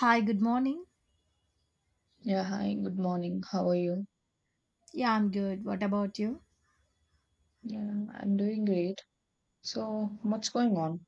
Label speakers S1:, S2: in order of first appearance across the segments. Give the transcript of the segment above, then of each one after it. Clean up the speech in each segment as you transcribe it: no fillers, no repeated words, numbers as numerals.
S1: Hi, good morning.
S2: Yeah, hi, good morning. How are you?
S1: Yeah, I'm good. What about you?
S2: Yeah, I'm doing great. So, what's going on?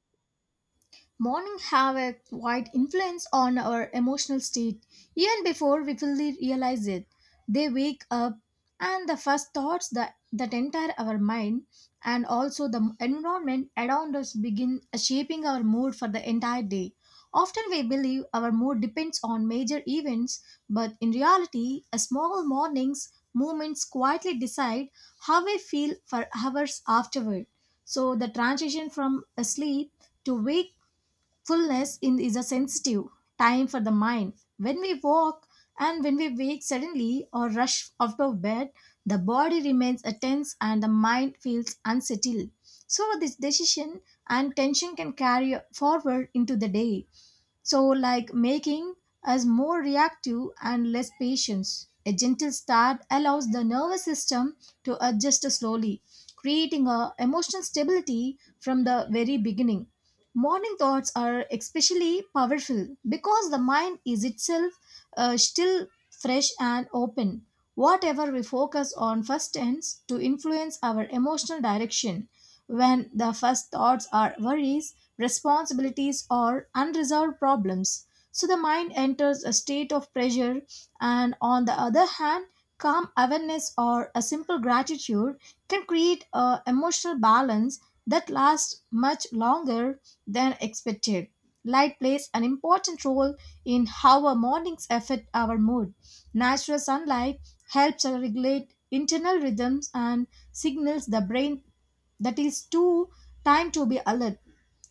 S1: Morning have a wide influence on our emotional state even before we fully realize it. They wake up and the first thoughts that enter our mind and also the environment around us begin shaping our mood for the entire day. Often we believe our mood depends on major events, but in reality, a small morning's movements quietly decide how we feel for hours afterward. So the transition from asleep to wake fullness in is a sensitive time for the mind. When we walk and when we wake suddenly or rush out of bed, the body remains tense and the mind feels unsettled. So this decision and tension can carry forward into the day. So, like, making us more reactive and less patient. A gentle start allows the nervous system to adjust slowly, creating a emotional stability from the very beginning. Morning thoughts are especially powerful because the mind is itself still fresh and open. Whatever we focus on first tends to influence our emotional direction. When the first thoughts are worries, responsibilities, or unresolved problems. So the mind enters a state of pressure, and on the other hand, calm awareness or a simple gratitude can create a emotional balance that lasts much longer than expected. Light plays an important role in how our mornings affect our mood. Natural sunlight helps us regulate internal rhythms and signals the brain that is too time to be alert.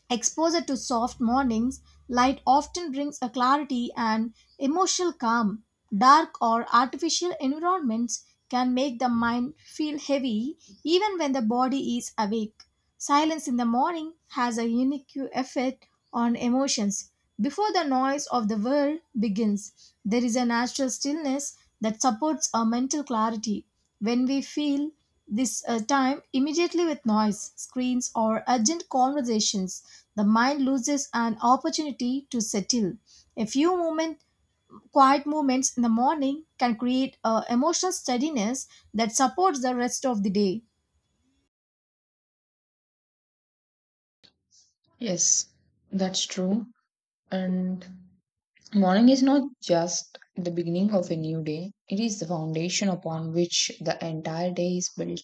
S1: Exposure to soft mornings, light often brings a clarity and emotional calm. Dark or artificial environments can make the mind feel heavy even when the body is awake. Silence in the morning has a unique effect on emotions. Before the noise of the world begins, there is a natural stillness that supports our mental clarity. When we feel this time immediately with noise, screens, or urgent conversations, the mind loses an opportunity to settle. A few moment, quiet moments in the morning can create a emotional steadiness that supports the rest of the day.
S2: Yes, that's true. And morning is not just the beginning of a new day, it is the foundation upon which the entire day is built.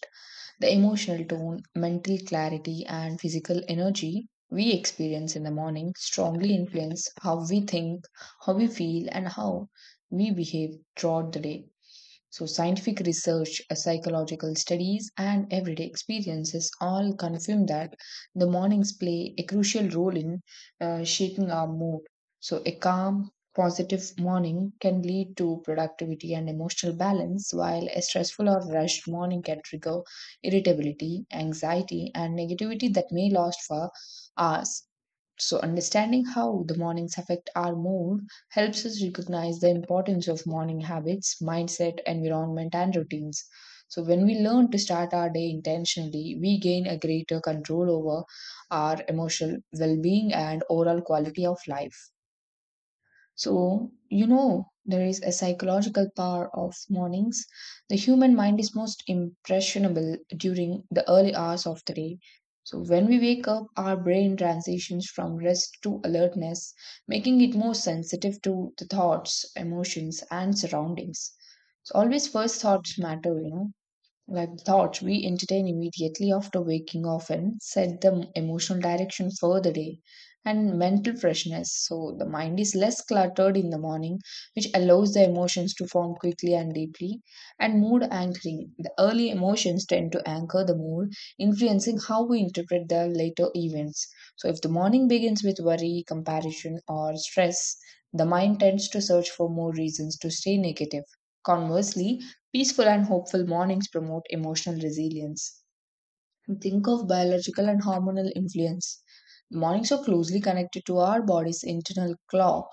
S2: The emotional tone, mental clarity, and physical energy we experience in the morning strongly influence how we think, how we feel, and how we behave throughout the day. So, scientific research, psychological studies, and everyday experiences all confirm that the mornings play a crucial role in shaping our mood. So, a calm, positive morning can lead to productivity and emotional balance, while a stressful or rushed morning can trigger irritability, anxiety, and negativity that may last for hours. So, understanding how the mornings affect our mood helps us recognize the importance of morning habits, mindset, environment, and routines. So, when we learn to start our day intentionally, we gain a greater control over our emotional well being and overall quality of life. So, you know, there is a psychological power of mornings. The human mind is most impressionable during the early hours of the day. So, when we wake up, our brain transitions from rest to alertness, making it more sensitive to the thoughts, emotions, and surroundings. So, always first thoughts matter, you know, like the thoughts we entertain immediately after waking often set the emotional direction for the day and mental freshness. So the mind is less cluttered in the morning, which allows the emotions to form quickly and deeply. And mood anchoring. The early emotions tend to anchor the mood, influencing how we interpret the later events. So if the morning begins with worry, comparison, or stress, the mind tends to search for more reasons to stay negative. Conversely, peaceful and hopeful mornings promote emotional resilience. And think of biological and hormonal influence. Mornings are closely connected to our body's internal clock,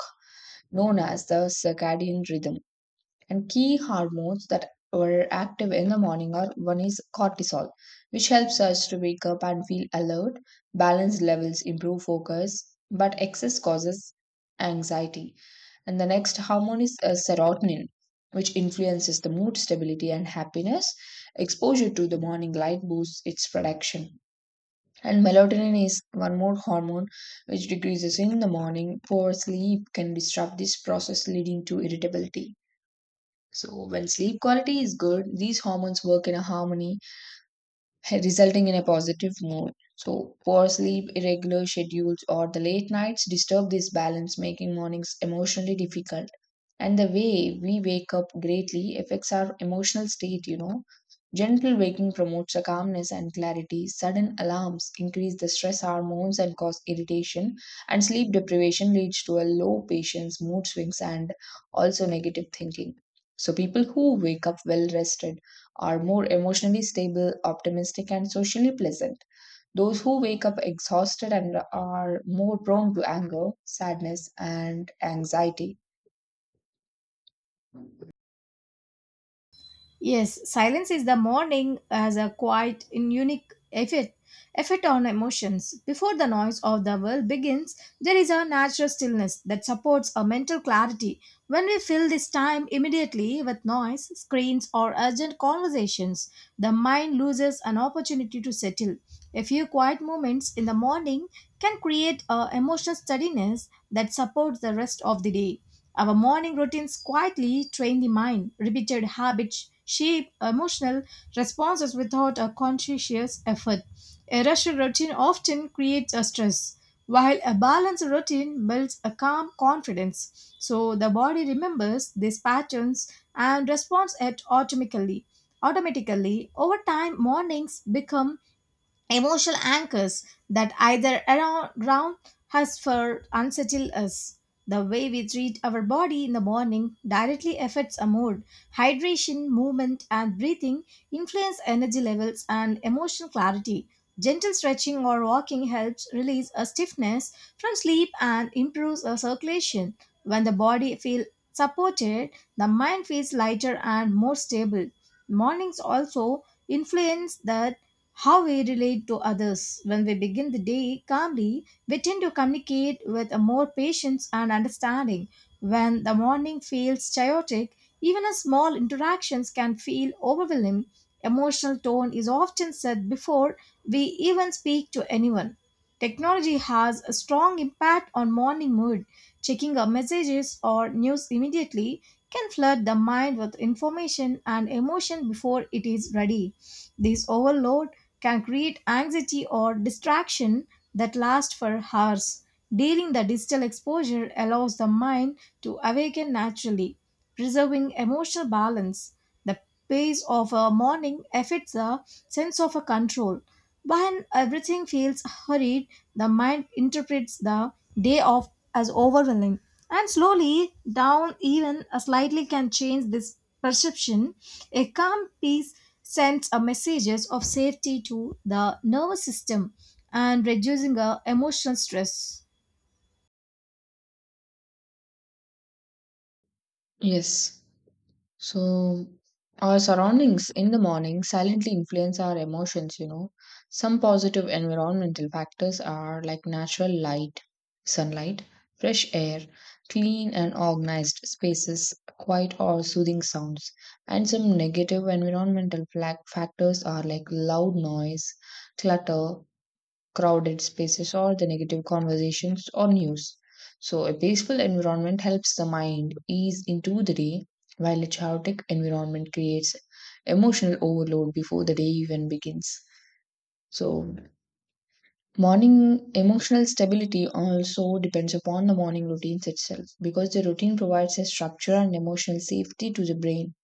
S2: known as the circadian rhythm. And key hormones that were active in the morning are: one is cortisol, which helps us to wake up and feel alert, balance levels improve focus, but excess causes anxiety. And the next hormone is serotonin, which influences the mood stability and happiness. Exposure to the morning light boosts its production. And melatonin is one more hormone which decreases in the morning. Poor sleep can disrupt this process, leading to irritability. So, when sleep quality is good, these hormones work in a harmony resulting in a positive mood. So, poor sleep, irregular schedules, or the late nights disturb this balance, making mornings emotionally difficult. And the way we wake up greatly affects our emotional state, you know. Gentle waking promotes a calmness and clarity. Sudden alarms increase the stress hormones and cause irritation. And sleep deprivation leads to a low patience, mood swings, and also negative thinking. So, people who wake up well rested are more emotionally stable, optimistic, and socially pleasant. Those who wake up exhausted and are more prone to anger, sadness, and anxiety.
S1: Yes, silence is the morning has a quite unique effect on emotions. Before the noise of the world begins, there is a natural stillness that supports a mental clarity. When we fill this time immediately with noise, screens, or urgent conversations, the mind loses an opportunity to settle. A few quiet moments in the morning can create a emotional steadiness that supports the rest of the day. Our morning routines quietly train the mind. Repeated habits shape emotional responses without a conscious effort. A rushed routine often creates a stress, while a balanced routine builds a calm confidence. So the body remembers these patterns and responds it automatically. Automatically, over time, mornings become emotional anchors that either around us for unsettle us. The way we treat our body in the morning directly affects our mood. Hydration, movement, and breathing influence energy levels and emotional clarity. Gentle stretching or walking helps release a stiffness from sleep and improves our circulation. When the body feels supported, the mind feels lighter and more stable. Mornings also influence the how we relate to others. When we begin the day calmly, we tend to communicate with more patience and understanding. When the morning feels chaotic, even a small interactions can feel overwhelming. Emotional tone is often set before we even speak to anyone. Technology has a strong impact on morning mood. Checking our messages or news immediately can flood the mind with information and emotion before it is ready. This overload can create anxiety or distraction that last for hours. During the digital exposure allows the mind to awaken naturally, preserving emotional balance. The pace of a morning affects the sense of a control when everything feels hurried, the mind interprets the day off as overwhelming. And slowly, down even a slightly can change this perception. A calm peace sends a messages of safety to the nervous system and reducing the emotional stress.
S2: Yes. So, our surroundings in the morning silently influence our emotions, you know. Some positive environmental factors are like natural light, sunlight, fresh air, clean and organized spaces, quiet or soothing sounds. And some negative environmental factors are like loud noise, clutter, crowded spaces, or the negative conversations or news. So, a peaceful environment helps the mind ease into the day, while a chaotic environment creates emotional overload before the day even begins. So, morning emotional stability also depends upon the morning routines itself, because the routine provides a structure and emotional safety to the brain.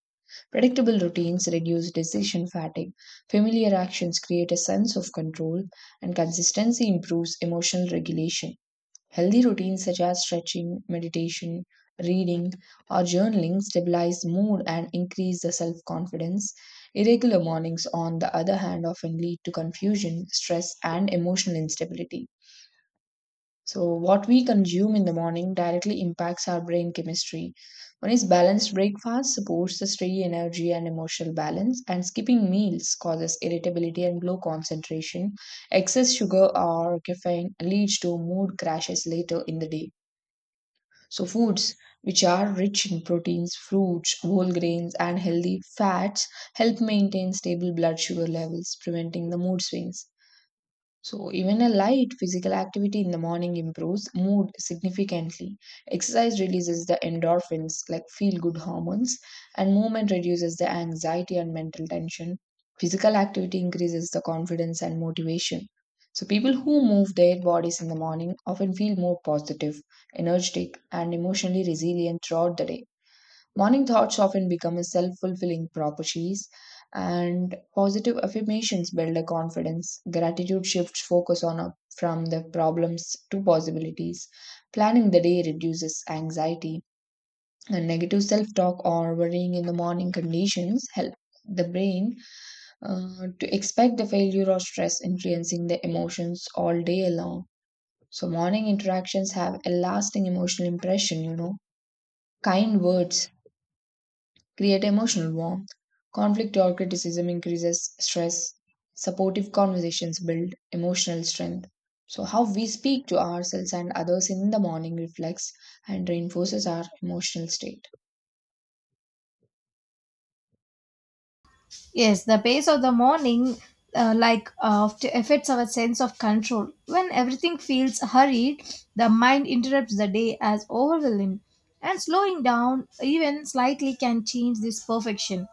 S2: Predictable routines reduce decision fatigue, familiar actions create a sense of control, and consistency improves emotional regulation. Healthy routines such as stretching, meditation, reading, or journaling stabilize mood and increase the self confidence. Irregular mornings, on the other hand, often lead to confusion, stress, and emotional instability. So, what we consume in the morning directly impacts our brain chemistry. One is balanced breakfast supports the steady energy and emotional balance, and skipping meals causes irritability and low concentration. Excess sugar or caffeine leads to mood crashes later in the day. So, foods which are rich in proteins, fruits, whole grains, and healthy fats help maintain stable blood sugar levels, preventing the mood swings. So, even a light physical activity in the morning improves mood significantly. Exercise releases the endorphins, like feel good hormones, and movement reduces the anxiety and mental tension. Physical activity increases the confidence and motivation. So, people who move their bodies in the morning often feel more positive, energetic, and emotionally resilient throughout the day. Morning thoughts often become a self fulfilling prophecies, and positive affirmations build a confidence. Gratitude shifts focus on a, from the problems to possibilities. Planning the day reduces anxiety, and negative self talk or worrying in the morning conditions help the brain to expect the failure or stress influencing the emotions all day long. So, morning interactions have a lasting emotional impression, you know. Kind words create emotional warmth. Conflict or criticism increases stress. Supportive conversations build emotional strength. So, how we speak to ourselves and others in the morning reflects and reinforces our emotional state.
S1: Yes, the pace of the morning, affects our sense of control. When everything feels hurried, the mind interrupts the day as overwhelming, and slowing down even slightly can change this perfection.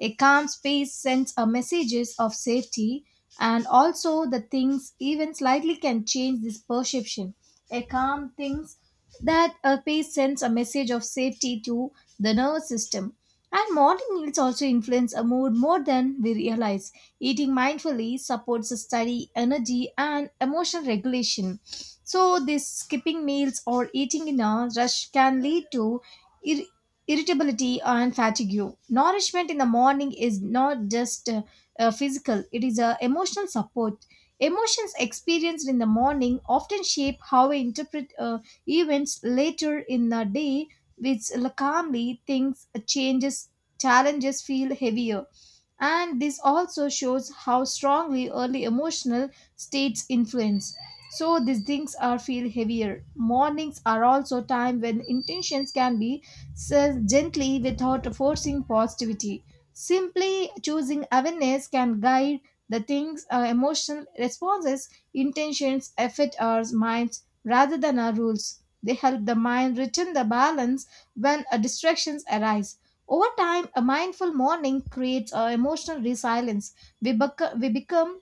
S1: A calm space sends a messages of safety, and also the things even slightly can change this perception. A calm things that a pace sends a message of safety to the nervous system and morning meals also influence our mood more than we realize. Eating mindfully supports study, energy, and emotional regulation. So, this skipping meals or eating in a rush can lead to ir- irritability and fatigue. Nourishment in the morning is not just physical, it is a emotional support. Emotions experienced in the morning often shape how we interpret events later in the day which calmly thinks changes challenges feel heavier and this also shows how strongly early emotional states influence so these things are feel heavier mornings are also time when intentions can be said gently without forcing positivity simply choosing awareness can guide the things emotional responses intentions affect our minds rather than our rules they help the mind return the balance when distractions arise over time, a mindful morning creates emotional resilience. We become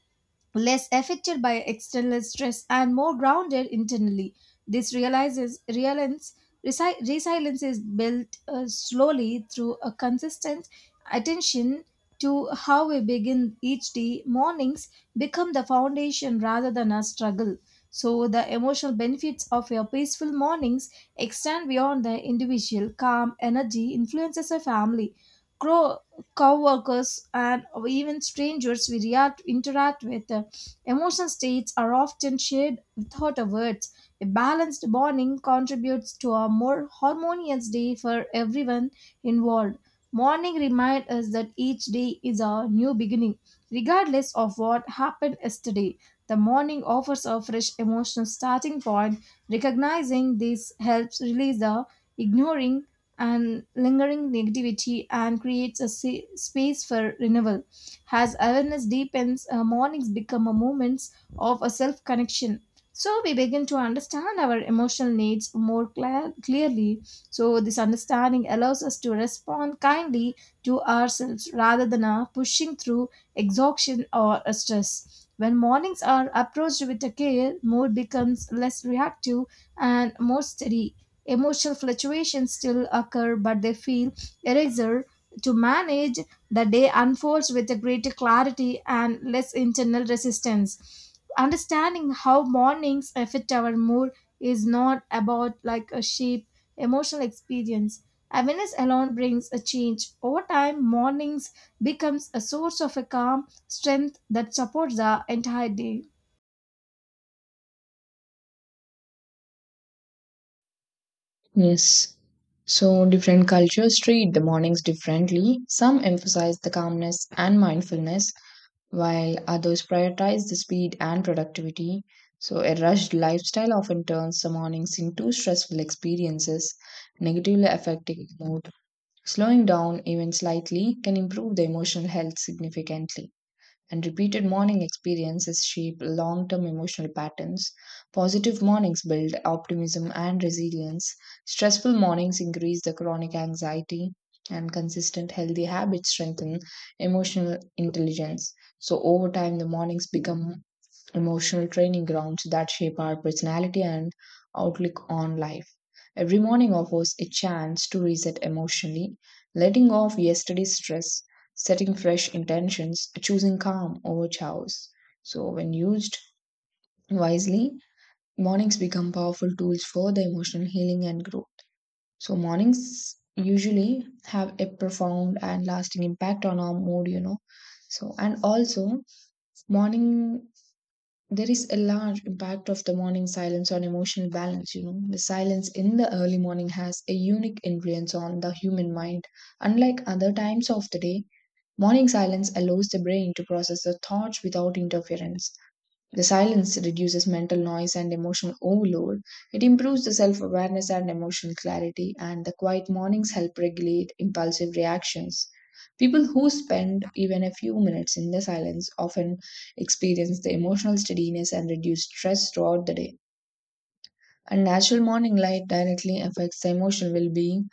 S1: less affected by external stress and more grounded internally. This realizes realence, resi- Resilience is built slowly through a consistent attention to how we begin each day. Mornings become the foundation rather than a struggle. So the emotional benefits of your peaceful mornings extend beyond the individual. Calm energy influences a family. Grow co-workers and even strangers we interact with emotional states are often shared without a words. A balanced morning contributes to a more harmonious day for everyone involved. Morning reminds us that each day is a new beginning, regardless of what happened yesterday. The morning offers a fresh emotional starting point. Recognizing this helps release the ignoring and lingering negativity and creates a space for renewal. As awareness deepens, mornings become a moments of a self connection. So we begin to understand our emotional needs more clearly. So this understanding allows us to respond kindly to ourselves rather than pushing through exhaustion or stress. When mornings are approached with a care, mood becomes less reactive and more steady. Emotional fluctuations still occur, but they feel easier to manage the day unfolds with a greater clarity and less internal resistance. Understanding how mornings affect our mood is not about like a sheep emotional experience. Awareness alone brings a change. Over time, mornings becomes a source of a calm strength that supports the entire day.
S2: Yes. So, different cultures treat the mornings differently. Some emphasize the calmness and mindfulness, while others prioritize the speed and productivity. So, a rushed lifestyle often turns the mornings into stressful experiences, negatively affecting mood. Slowing down, even slightly, can improve the emotional health significantly, and repeated morning experiences shape long term emotional patterns. Positive mornings build optimism and resilience. Stressful mornings increase the chronic anxiety, and consistent healthy habits strengthen emotional intelligence. So, over time, the mornings become emotional training grounds that shape our personality and outlook on life. Every morning offers a chance to reset emotionally, letting off yesterday's stress, setting fresh intentions, choosing calm over chaos. So, when used wisely, mornings become powerful tools for the emotional healing and growth. So, mornings usually have a profound and lasting impact on our mood, you know. So, and also, morning, there is a large impact of the morning silence on emotional balance, you know. The silence in the early morning has a unique influence on the human mind. Unlike other times of the day, morning silence allows the brain to process the thoughts without interference. The silence reduces mental noise and emotional overload. It improves the self awareness and emotional clarity, and the quiet mornings help regulate impulsive reactions. People who spend even a few minutes in the silence often experience the emotional steadiness and reduce stress throughout the day. And natural morning light directly affects the emotional well being.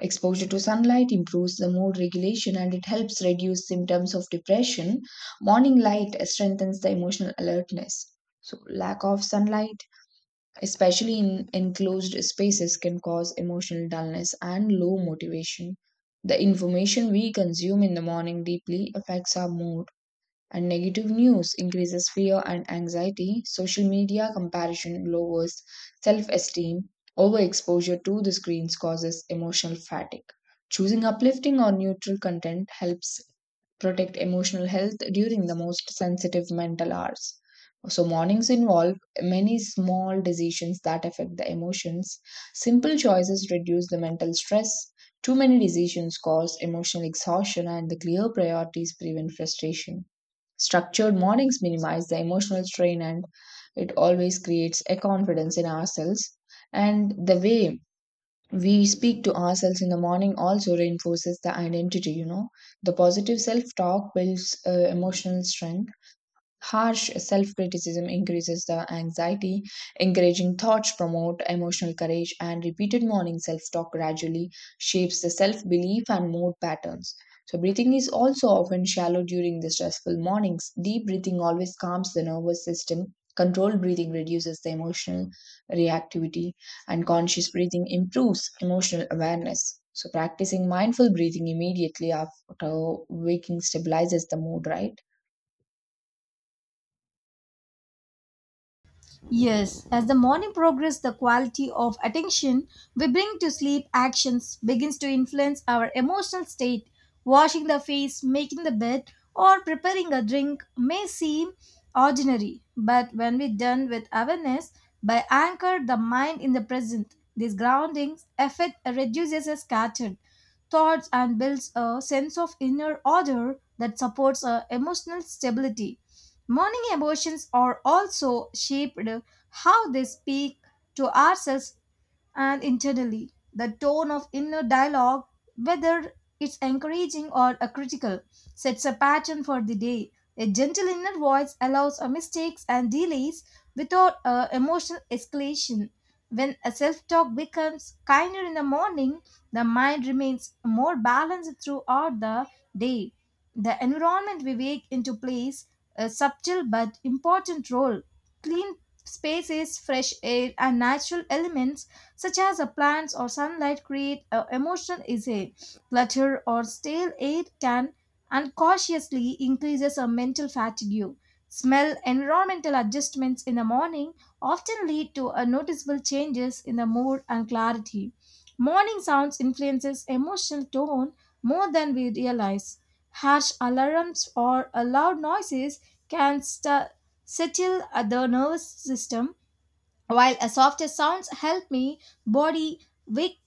S2: Exposure to sunlight improves the mood regulation and it helps reduce symptoms of depression. Morning light strengthens the emotional alertness. So, lack of sunlight, especially in enclosed spaces, can cause emotional dullness and low motivation. The information we consume in the morning deeply affects our mood, and negative news increases fear and anxiety. Social media comparison lowers self esteem. Overexposure to the screens causes emotional fatigue. Choosing uplifting or neutral content helps protect emotional health during the most sensitive mental hours. So, mornings involve many small decisions that affect the emotions. Simple choices reduce the mental stress. Too many decisions cause emotional exhaustion, and the clear priorities prevent frustration. Structured mornings minimize the emotional strain and it always creates a confidence in ourselves. And the way we speak to ourselves in the morning also reinforces the identity, you know. The positive self talk builds emotional strength. Harsh self criticism increases the anxiety. Encouraging thoughts promote emotional courage, and repeated morning self talk gradually shapes the self belief and mood patterns. So, breathing is also often shallow during the stressful mornings. Deep breathing always calms the nervous system. Controlled breathing reduces the emotional reactivity, and conscious breathing improves emotional awareness. So, practicing mindful breathing immediately after waking stabilizes the mood, right?
S1: Yes, as the morning progresses, the quality of attention we bring to sleep actions begins to influence our emotional state. Washing the face, making the bed, or preparing a drink may seem ordinary, but when we done with awareness, by anchor the mind in the present, this grounding effect reduces a scattered thoughts and builds a sense of inner order that supports our emotional stability. Morning emotions are also shaped how they speak to ourselves and internally. The tone of inner dialogue, whether it's encouraging or a critical, sets a pattern for the day. A gentle inner voice allows a mistakes and delays without a emotional escalation. When a self-talk becomes kinder in the morning, the mind remains more balanced throughout the day. The environment we wake into plays a subtle but important role. Clean spaces, fresh air, and natural elements such as a plants or sunlight, create an emotional essay. Clutter or stale air can unconsciously increases a mental fatigue. Smell environmental adjustments in the morning often lead to a noticeable changes in the mood and clarity. Morning sounds influences emotional tone more than we realize. Harsh alarms or loud noises can settle the nervous system while a softer sounds help me body wake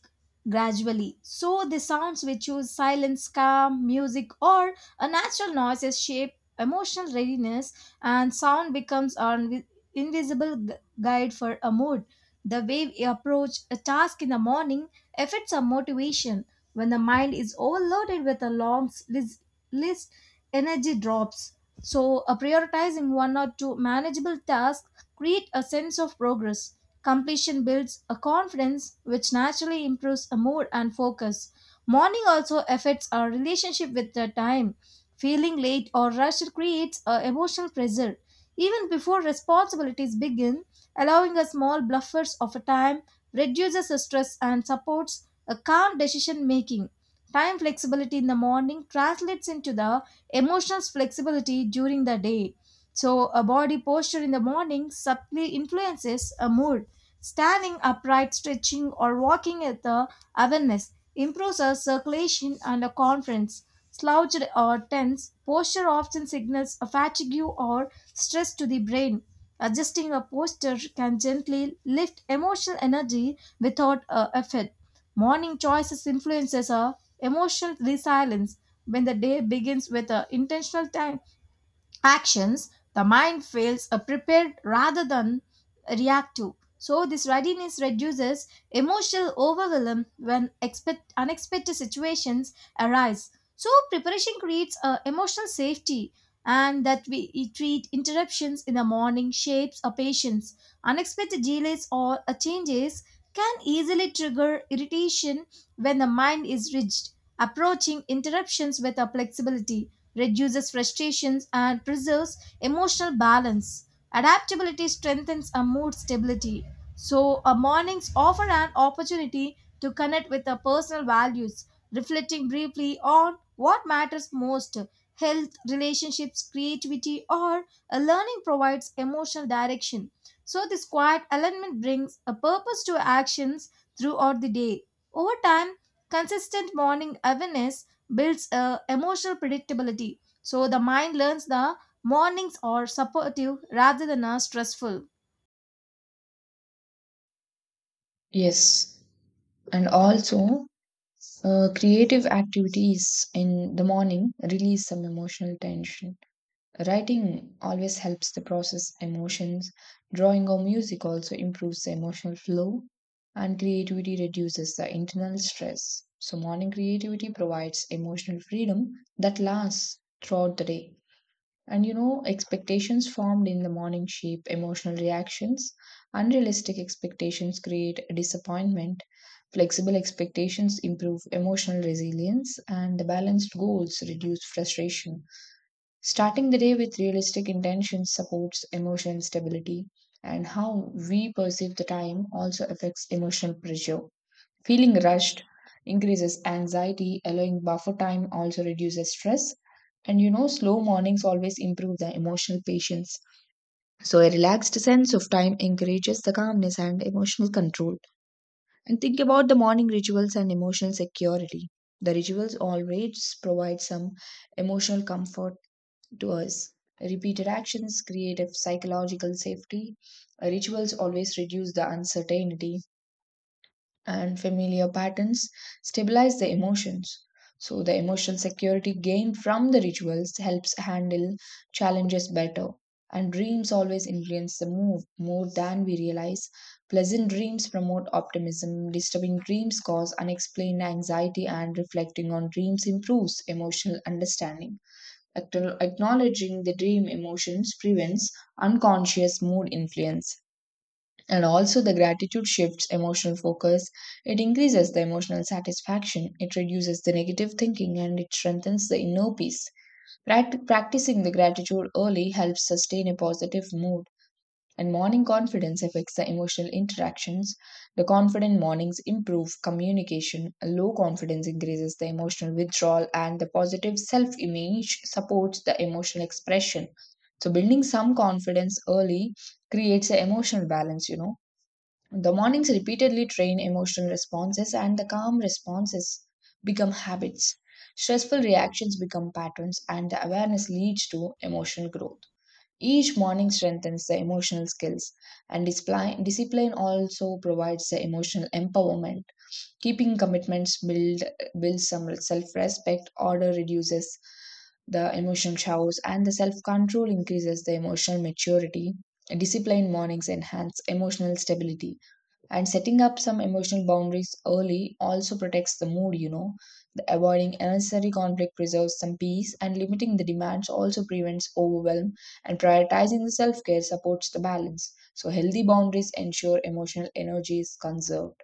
S1: gradually so the sounds we choose silence calm music or a natural noises shape emotional readiness and sound becomes our invisible guide for a mood the way we approach a task in the morning affects our motivation. When the mind is overloaded with a list, energy drops. So, prioritizing one or two manageable tasks create a sense of progress. Completion builds a confidence, which naturally improves a mood and focus. Morning also affects our relationship with the time. Feeling late or rushed creates a emotional pressure. Even before responsibilities begin, allowing a small bluffers of a time, reduces stress and supports a calm decision making. Time flexibility in the morning translates into the emotional flexibility during the day. So, a body posture in the morning subtly influences a mood. Standing upright, stretching, or walking at the awareness improves our circulation and a conference. Slouched or tense posture often signals a fatigue or stress to the brain. Adjusting a posture can gently lift emotional energy without effort. Morning choices influences our emotional resilience when the day begins with intentional time actions, the mind feels a prepared rather than reactive. So this readiness reduces emotional overwhelm when expect unexpected situations arise. So preparation creates a emotional safety and that we treat interruptions in the morning shapes a patience. Unexpected delays or changes can easily trigger irritation when the mind is rigid, approaching interruptions with a flexibility reduces frustrations, and preserves emotional balance. Adaptability strengthens our mood stability. So, our mornings offer an opportunity to connect with our personal values, reflecting briefly on what matters most health, relationships, creativity, or a learning provides emotional direction. So, this quiet alignment brings a purpose to our actions throughout the day. Over time, consistent morning awareness builds a emotional predictability so the mind learns the mornings are supportive rather than are stressful.
S2: Yes, and also, creative activities in the morning release some emotional tension. Writing always helps the process emotions. Drawing or music also improves the emotional flow, and creativity reduces the internal stress. So morning creativity provides emotional freedom that lasts throughout the day. And you know, expectations formed in the morning shape emotional reactions. Unrealistic expectations create disappointment. Flexible expectations improve emotional resilience, and the balanced goals reduce frustration. Starting the day with realistic intentions supports emotional stability, and how we perceive the time also affects emotional pressure. Feeling rushed increases anxiety, allowing buffer time also reduces stress. And you know, slow mornings always improve the emotional patience. So, a relaxed sense of time encourages the calmness and emotional control. And think about the morning rituals and emotional security. The rituals always provide some emotional comfort to us. Repeated actions create a psychological safety. Rituals always reduce the uncertainty, and familiar patterns stabilize the emotions. So, the emotional security gained from the rituals helps handle challenges better. And dreams always influence the mood more than we realize. Pleasant dreams promote optimism, disturbing dreams cause unexplained anxiety, and reflecting on dreams improves emotional understanding. Acknowledging the dream emotions prevents unconscious mood influence. And also, the gratitude shifts emotional focus. It increases the emotional satisfaction, it reduces the negative thinking, and it strengthens the inner peace. Practicing the gratitude early helps sustain a positive mood, and morning confidence affects the emotional interactions. The confident mornings improve communication, low confidence increases the emotional withdrawal, and the positive self image supports the emotional expression. So, building some confidence early creates an emotional balance, you know. The mornings repeatedly train emotional responses, and the calm responses become habits. Stressful reactions become patterns, and the awareness leads to emotional growth. Each morning strengthens the emotional skills, and discipline also provides the emotional empowerment. Keeping commitments builds some self-respect. Order reduces the emotional chaos, and the self-control increases the emotional maturity. Disciplined mornings enhance emotional stability, and setting up some emotional boundaries early also protects the mood, you know. The avoiding unnecessary conflict preserves some peace, and limiting the demands also prevents overwhelm, and prioritizing the self care supports the balance. So, healthy boundaries ensure emotional energy is conserved.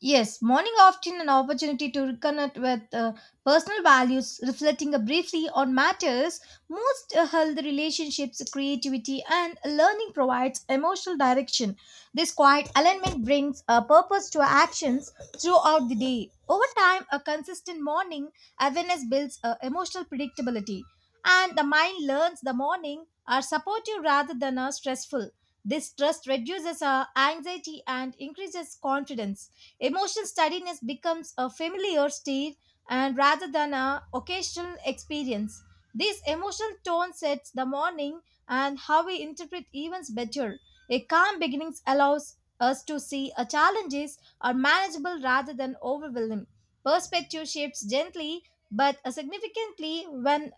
S1: Yes, morning often an opportunity to reconnect with personal values, reflecting briefly on matters. Most healthy relationships, creativity, and learning provides emotional direction. This quiet alignment brings a purpose to our actions throughout the day. Over time, a consistent morning awareness builds emotional predictability, and the mind learns the morning are supportive rather than stressful. This trust reduces anxiety and increases confidence. Emotional steadiness becomes a familiar state and rather than an occasional experience. This emotional tone sets the morning and how we interpret events better. A calm beginning allows us to see our challenges are manageable rather than overwhelming. Perspective shifts gently but significantly when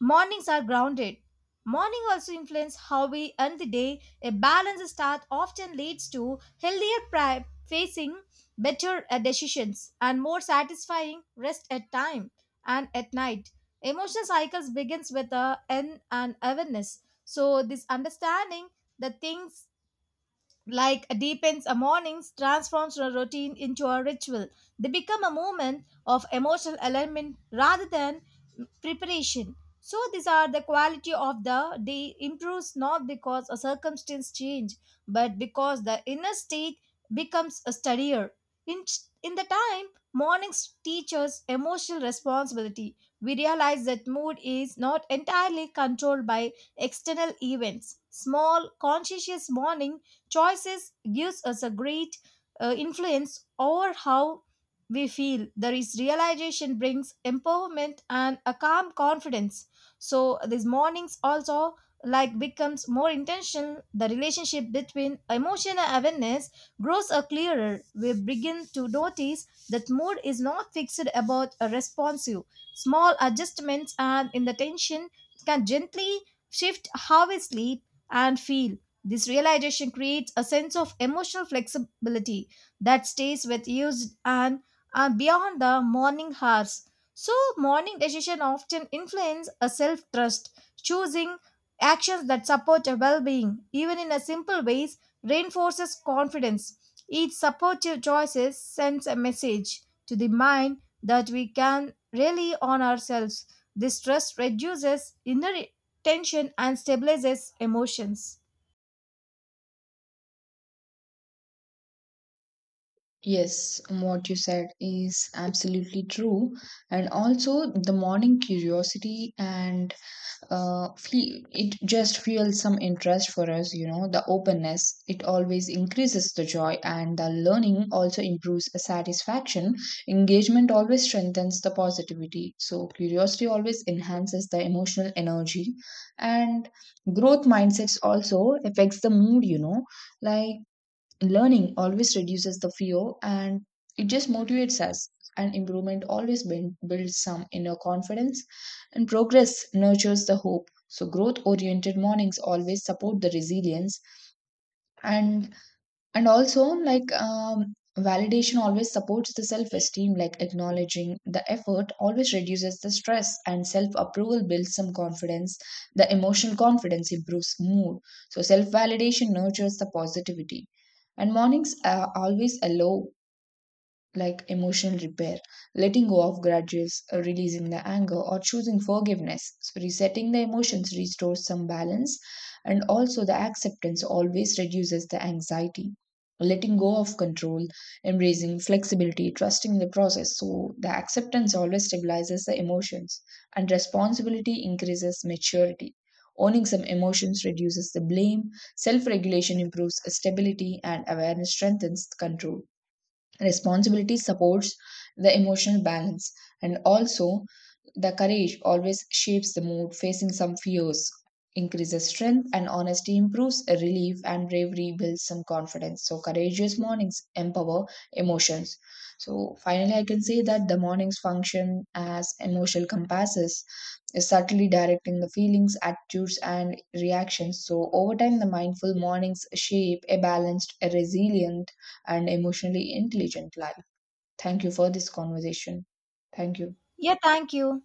S1: mornings are grounded. Morning also influence how we end the day. A balanced start often leads to healthier facing, better decisions, and more satisfying rest at time and at night. Emotional cycles begins with a end and awareness. So this understanding the things like deepens a mornings transforms a routine into a ritual they become a moment of emotional alignment rather than preparation so these are the quality of the day improves not because a circumstance change but because the inner state becomes a steadier in, in the time mornings teach us emotional responsibility we realize that mood is not entirely controlled by external events small conscientious morning choices gives us a great influence over how we feel there is realization brings empowerment and a calm confidence so these mornings also like becomes more intentional the relationship between emotional awareness grows a clearer we begin to notice that mood is not fixed about a responsive small adjustments and in the tension can gently shift how we sleep and feel this realization creates a sense of emotional flexibility that stays with you and beyond the morning hours. So, morning decisions often influence a self trust, choosing actions that support your well being, even in a simple ways, reinforces confidence. Each supportive choices sends a message to the mind that we can rely on ourselves. This trust reduces inner tension and stabilizes emotions.
S2: Yes, what you said is absolutely true. And also, the morning curiosity and it just fuels some interest for us, you know. The openness, it always increases the joy, and the learning also improves the satisfaction. Engagement always strengthens the positivity, so curiosity always enhances the emotional energy. And growth mindsets also affects the mood, you know, like learning always reduces the fear and it just motivates us, and improvement always builds some inner confidence, and progress nurtures the hope. So growth oriented mornings always support the resilience. and and also, like, validation always supports the self esteem, like, acknowledging the effort always reduces the stress, and self approval builds some confidence. The emotional confidence improves mood. So, self validation nurtures the positivity. And mornings are always allow like emotional repair, letting go of grudges, releasing the anger, or choosing forgiveness. So, resetting the emotions restores some balance, and also the acceptance always reduces the anxiety. Letting go of control, embracing flexibility, trusting the process. So, the acceptance always stabilizes the emotions, and responsibility increases maturity. Owning some emotions reduces the blame, self regulation improves stability, and awareness strengthens control. Responsibility supports the emotional balance, and also the courage always shapes the mood. Facing some fears increases strength, and honesty improves relief, and bravery builds some confidence. So courageous mornings empower emotions. So finally I can say that the mornings function as emotional compasses, subtly directing the feelings, attitudes, and reactions. So over time the mindful mornings shape a balanced, a resilient, and emotionally intelligent life. Thank you for this conversation. Thank you.
S1: Yeah, thank you.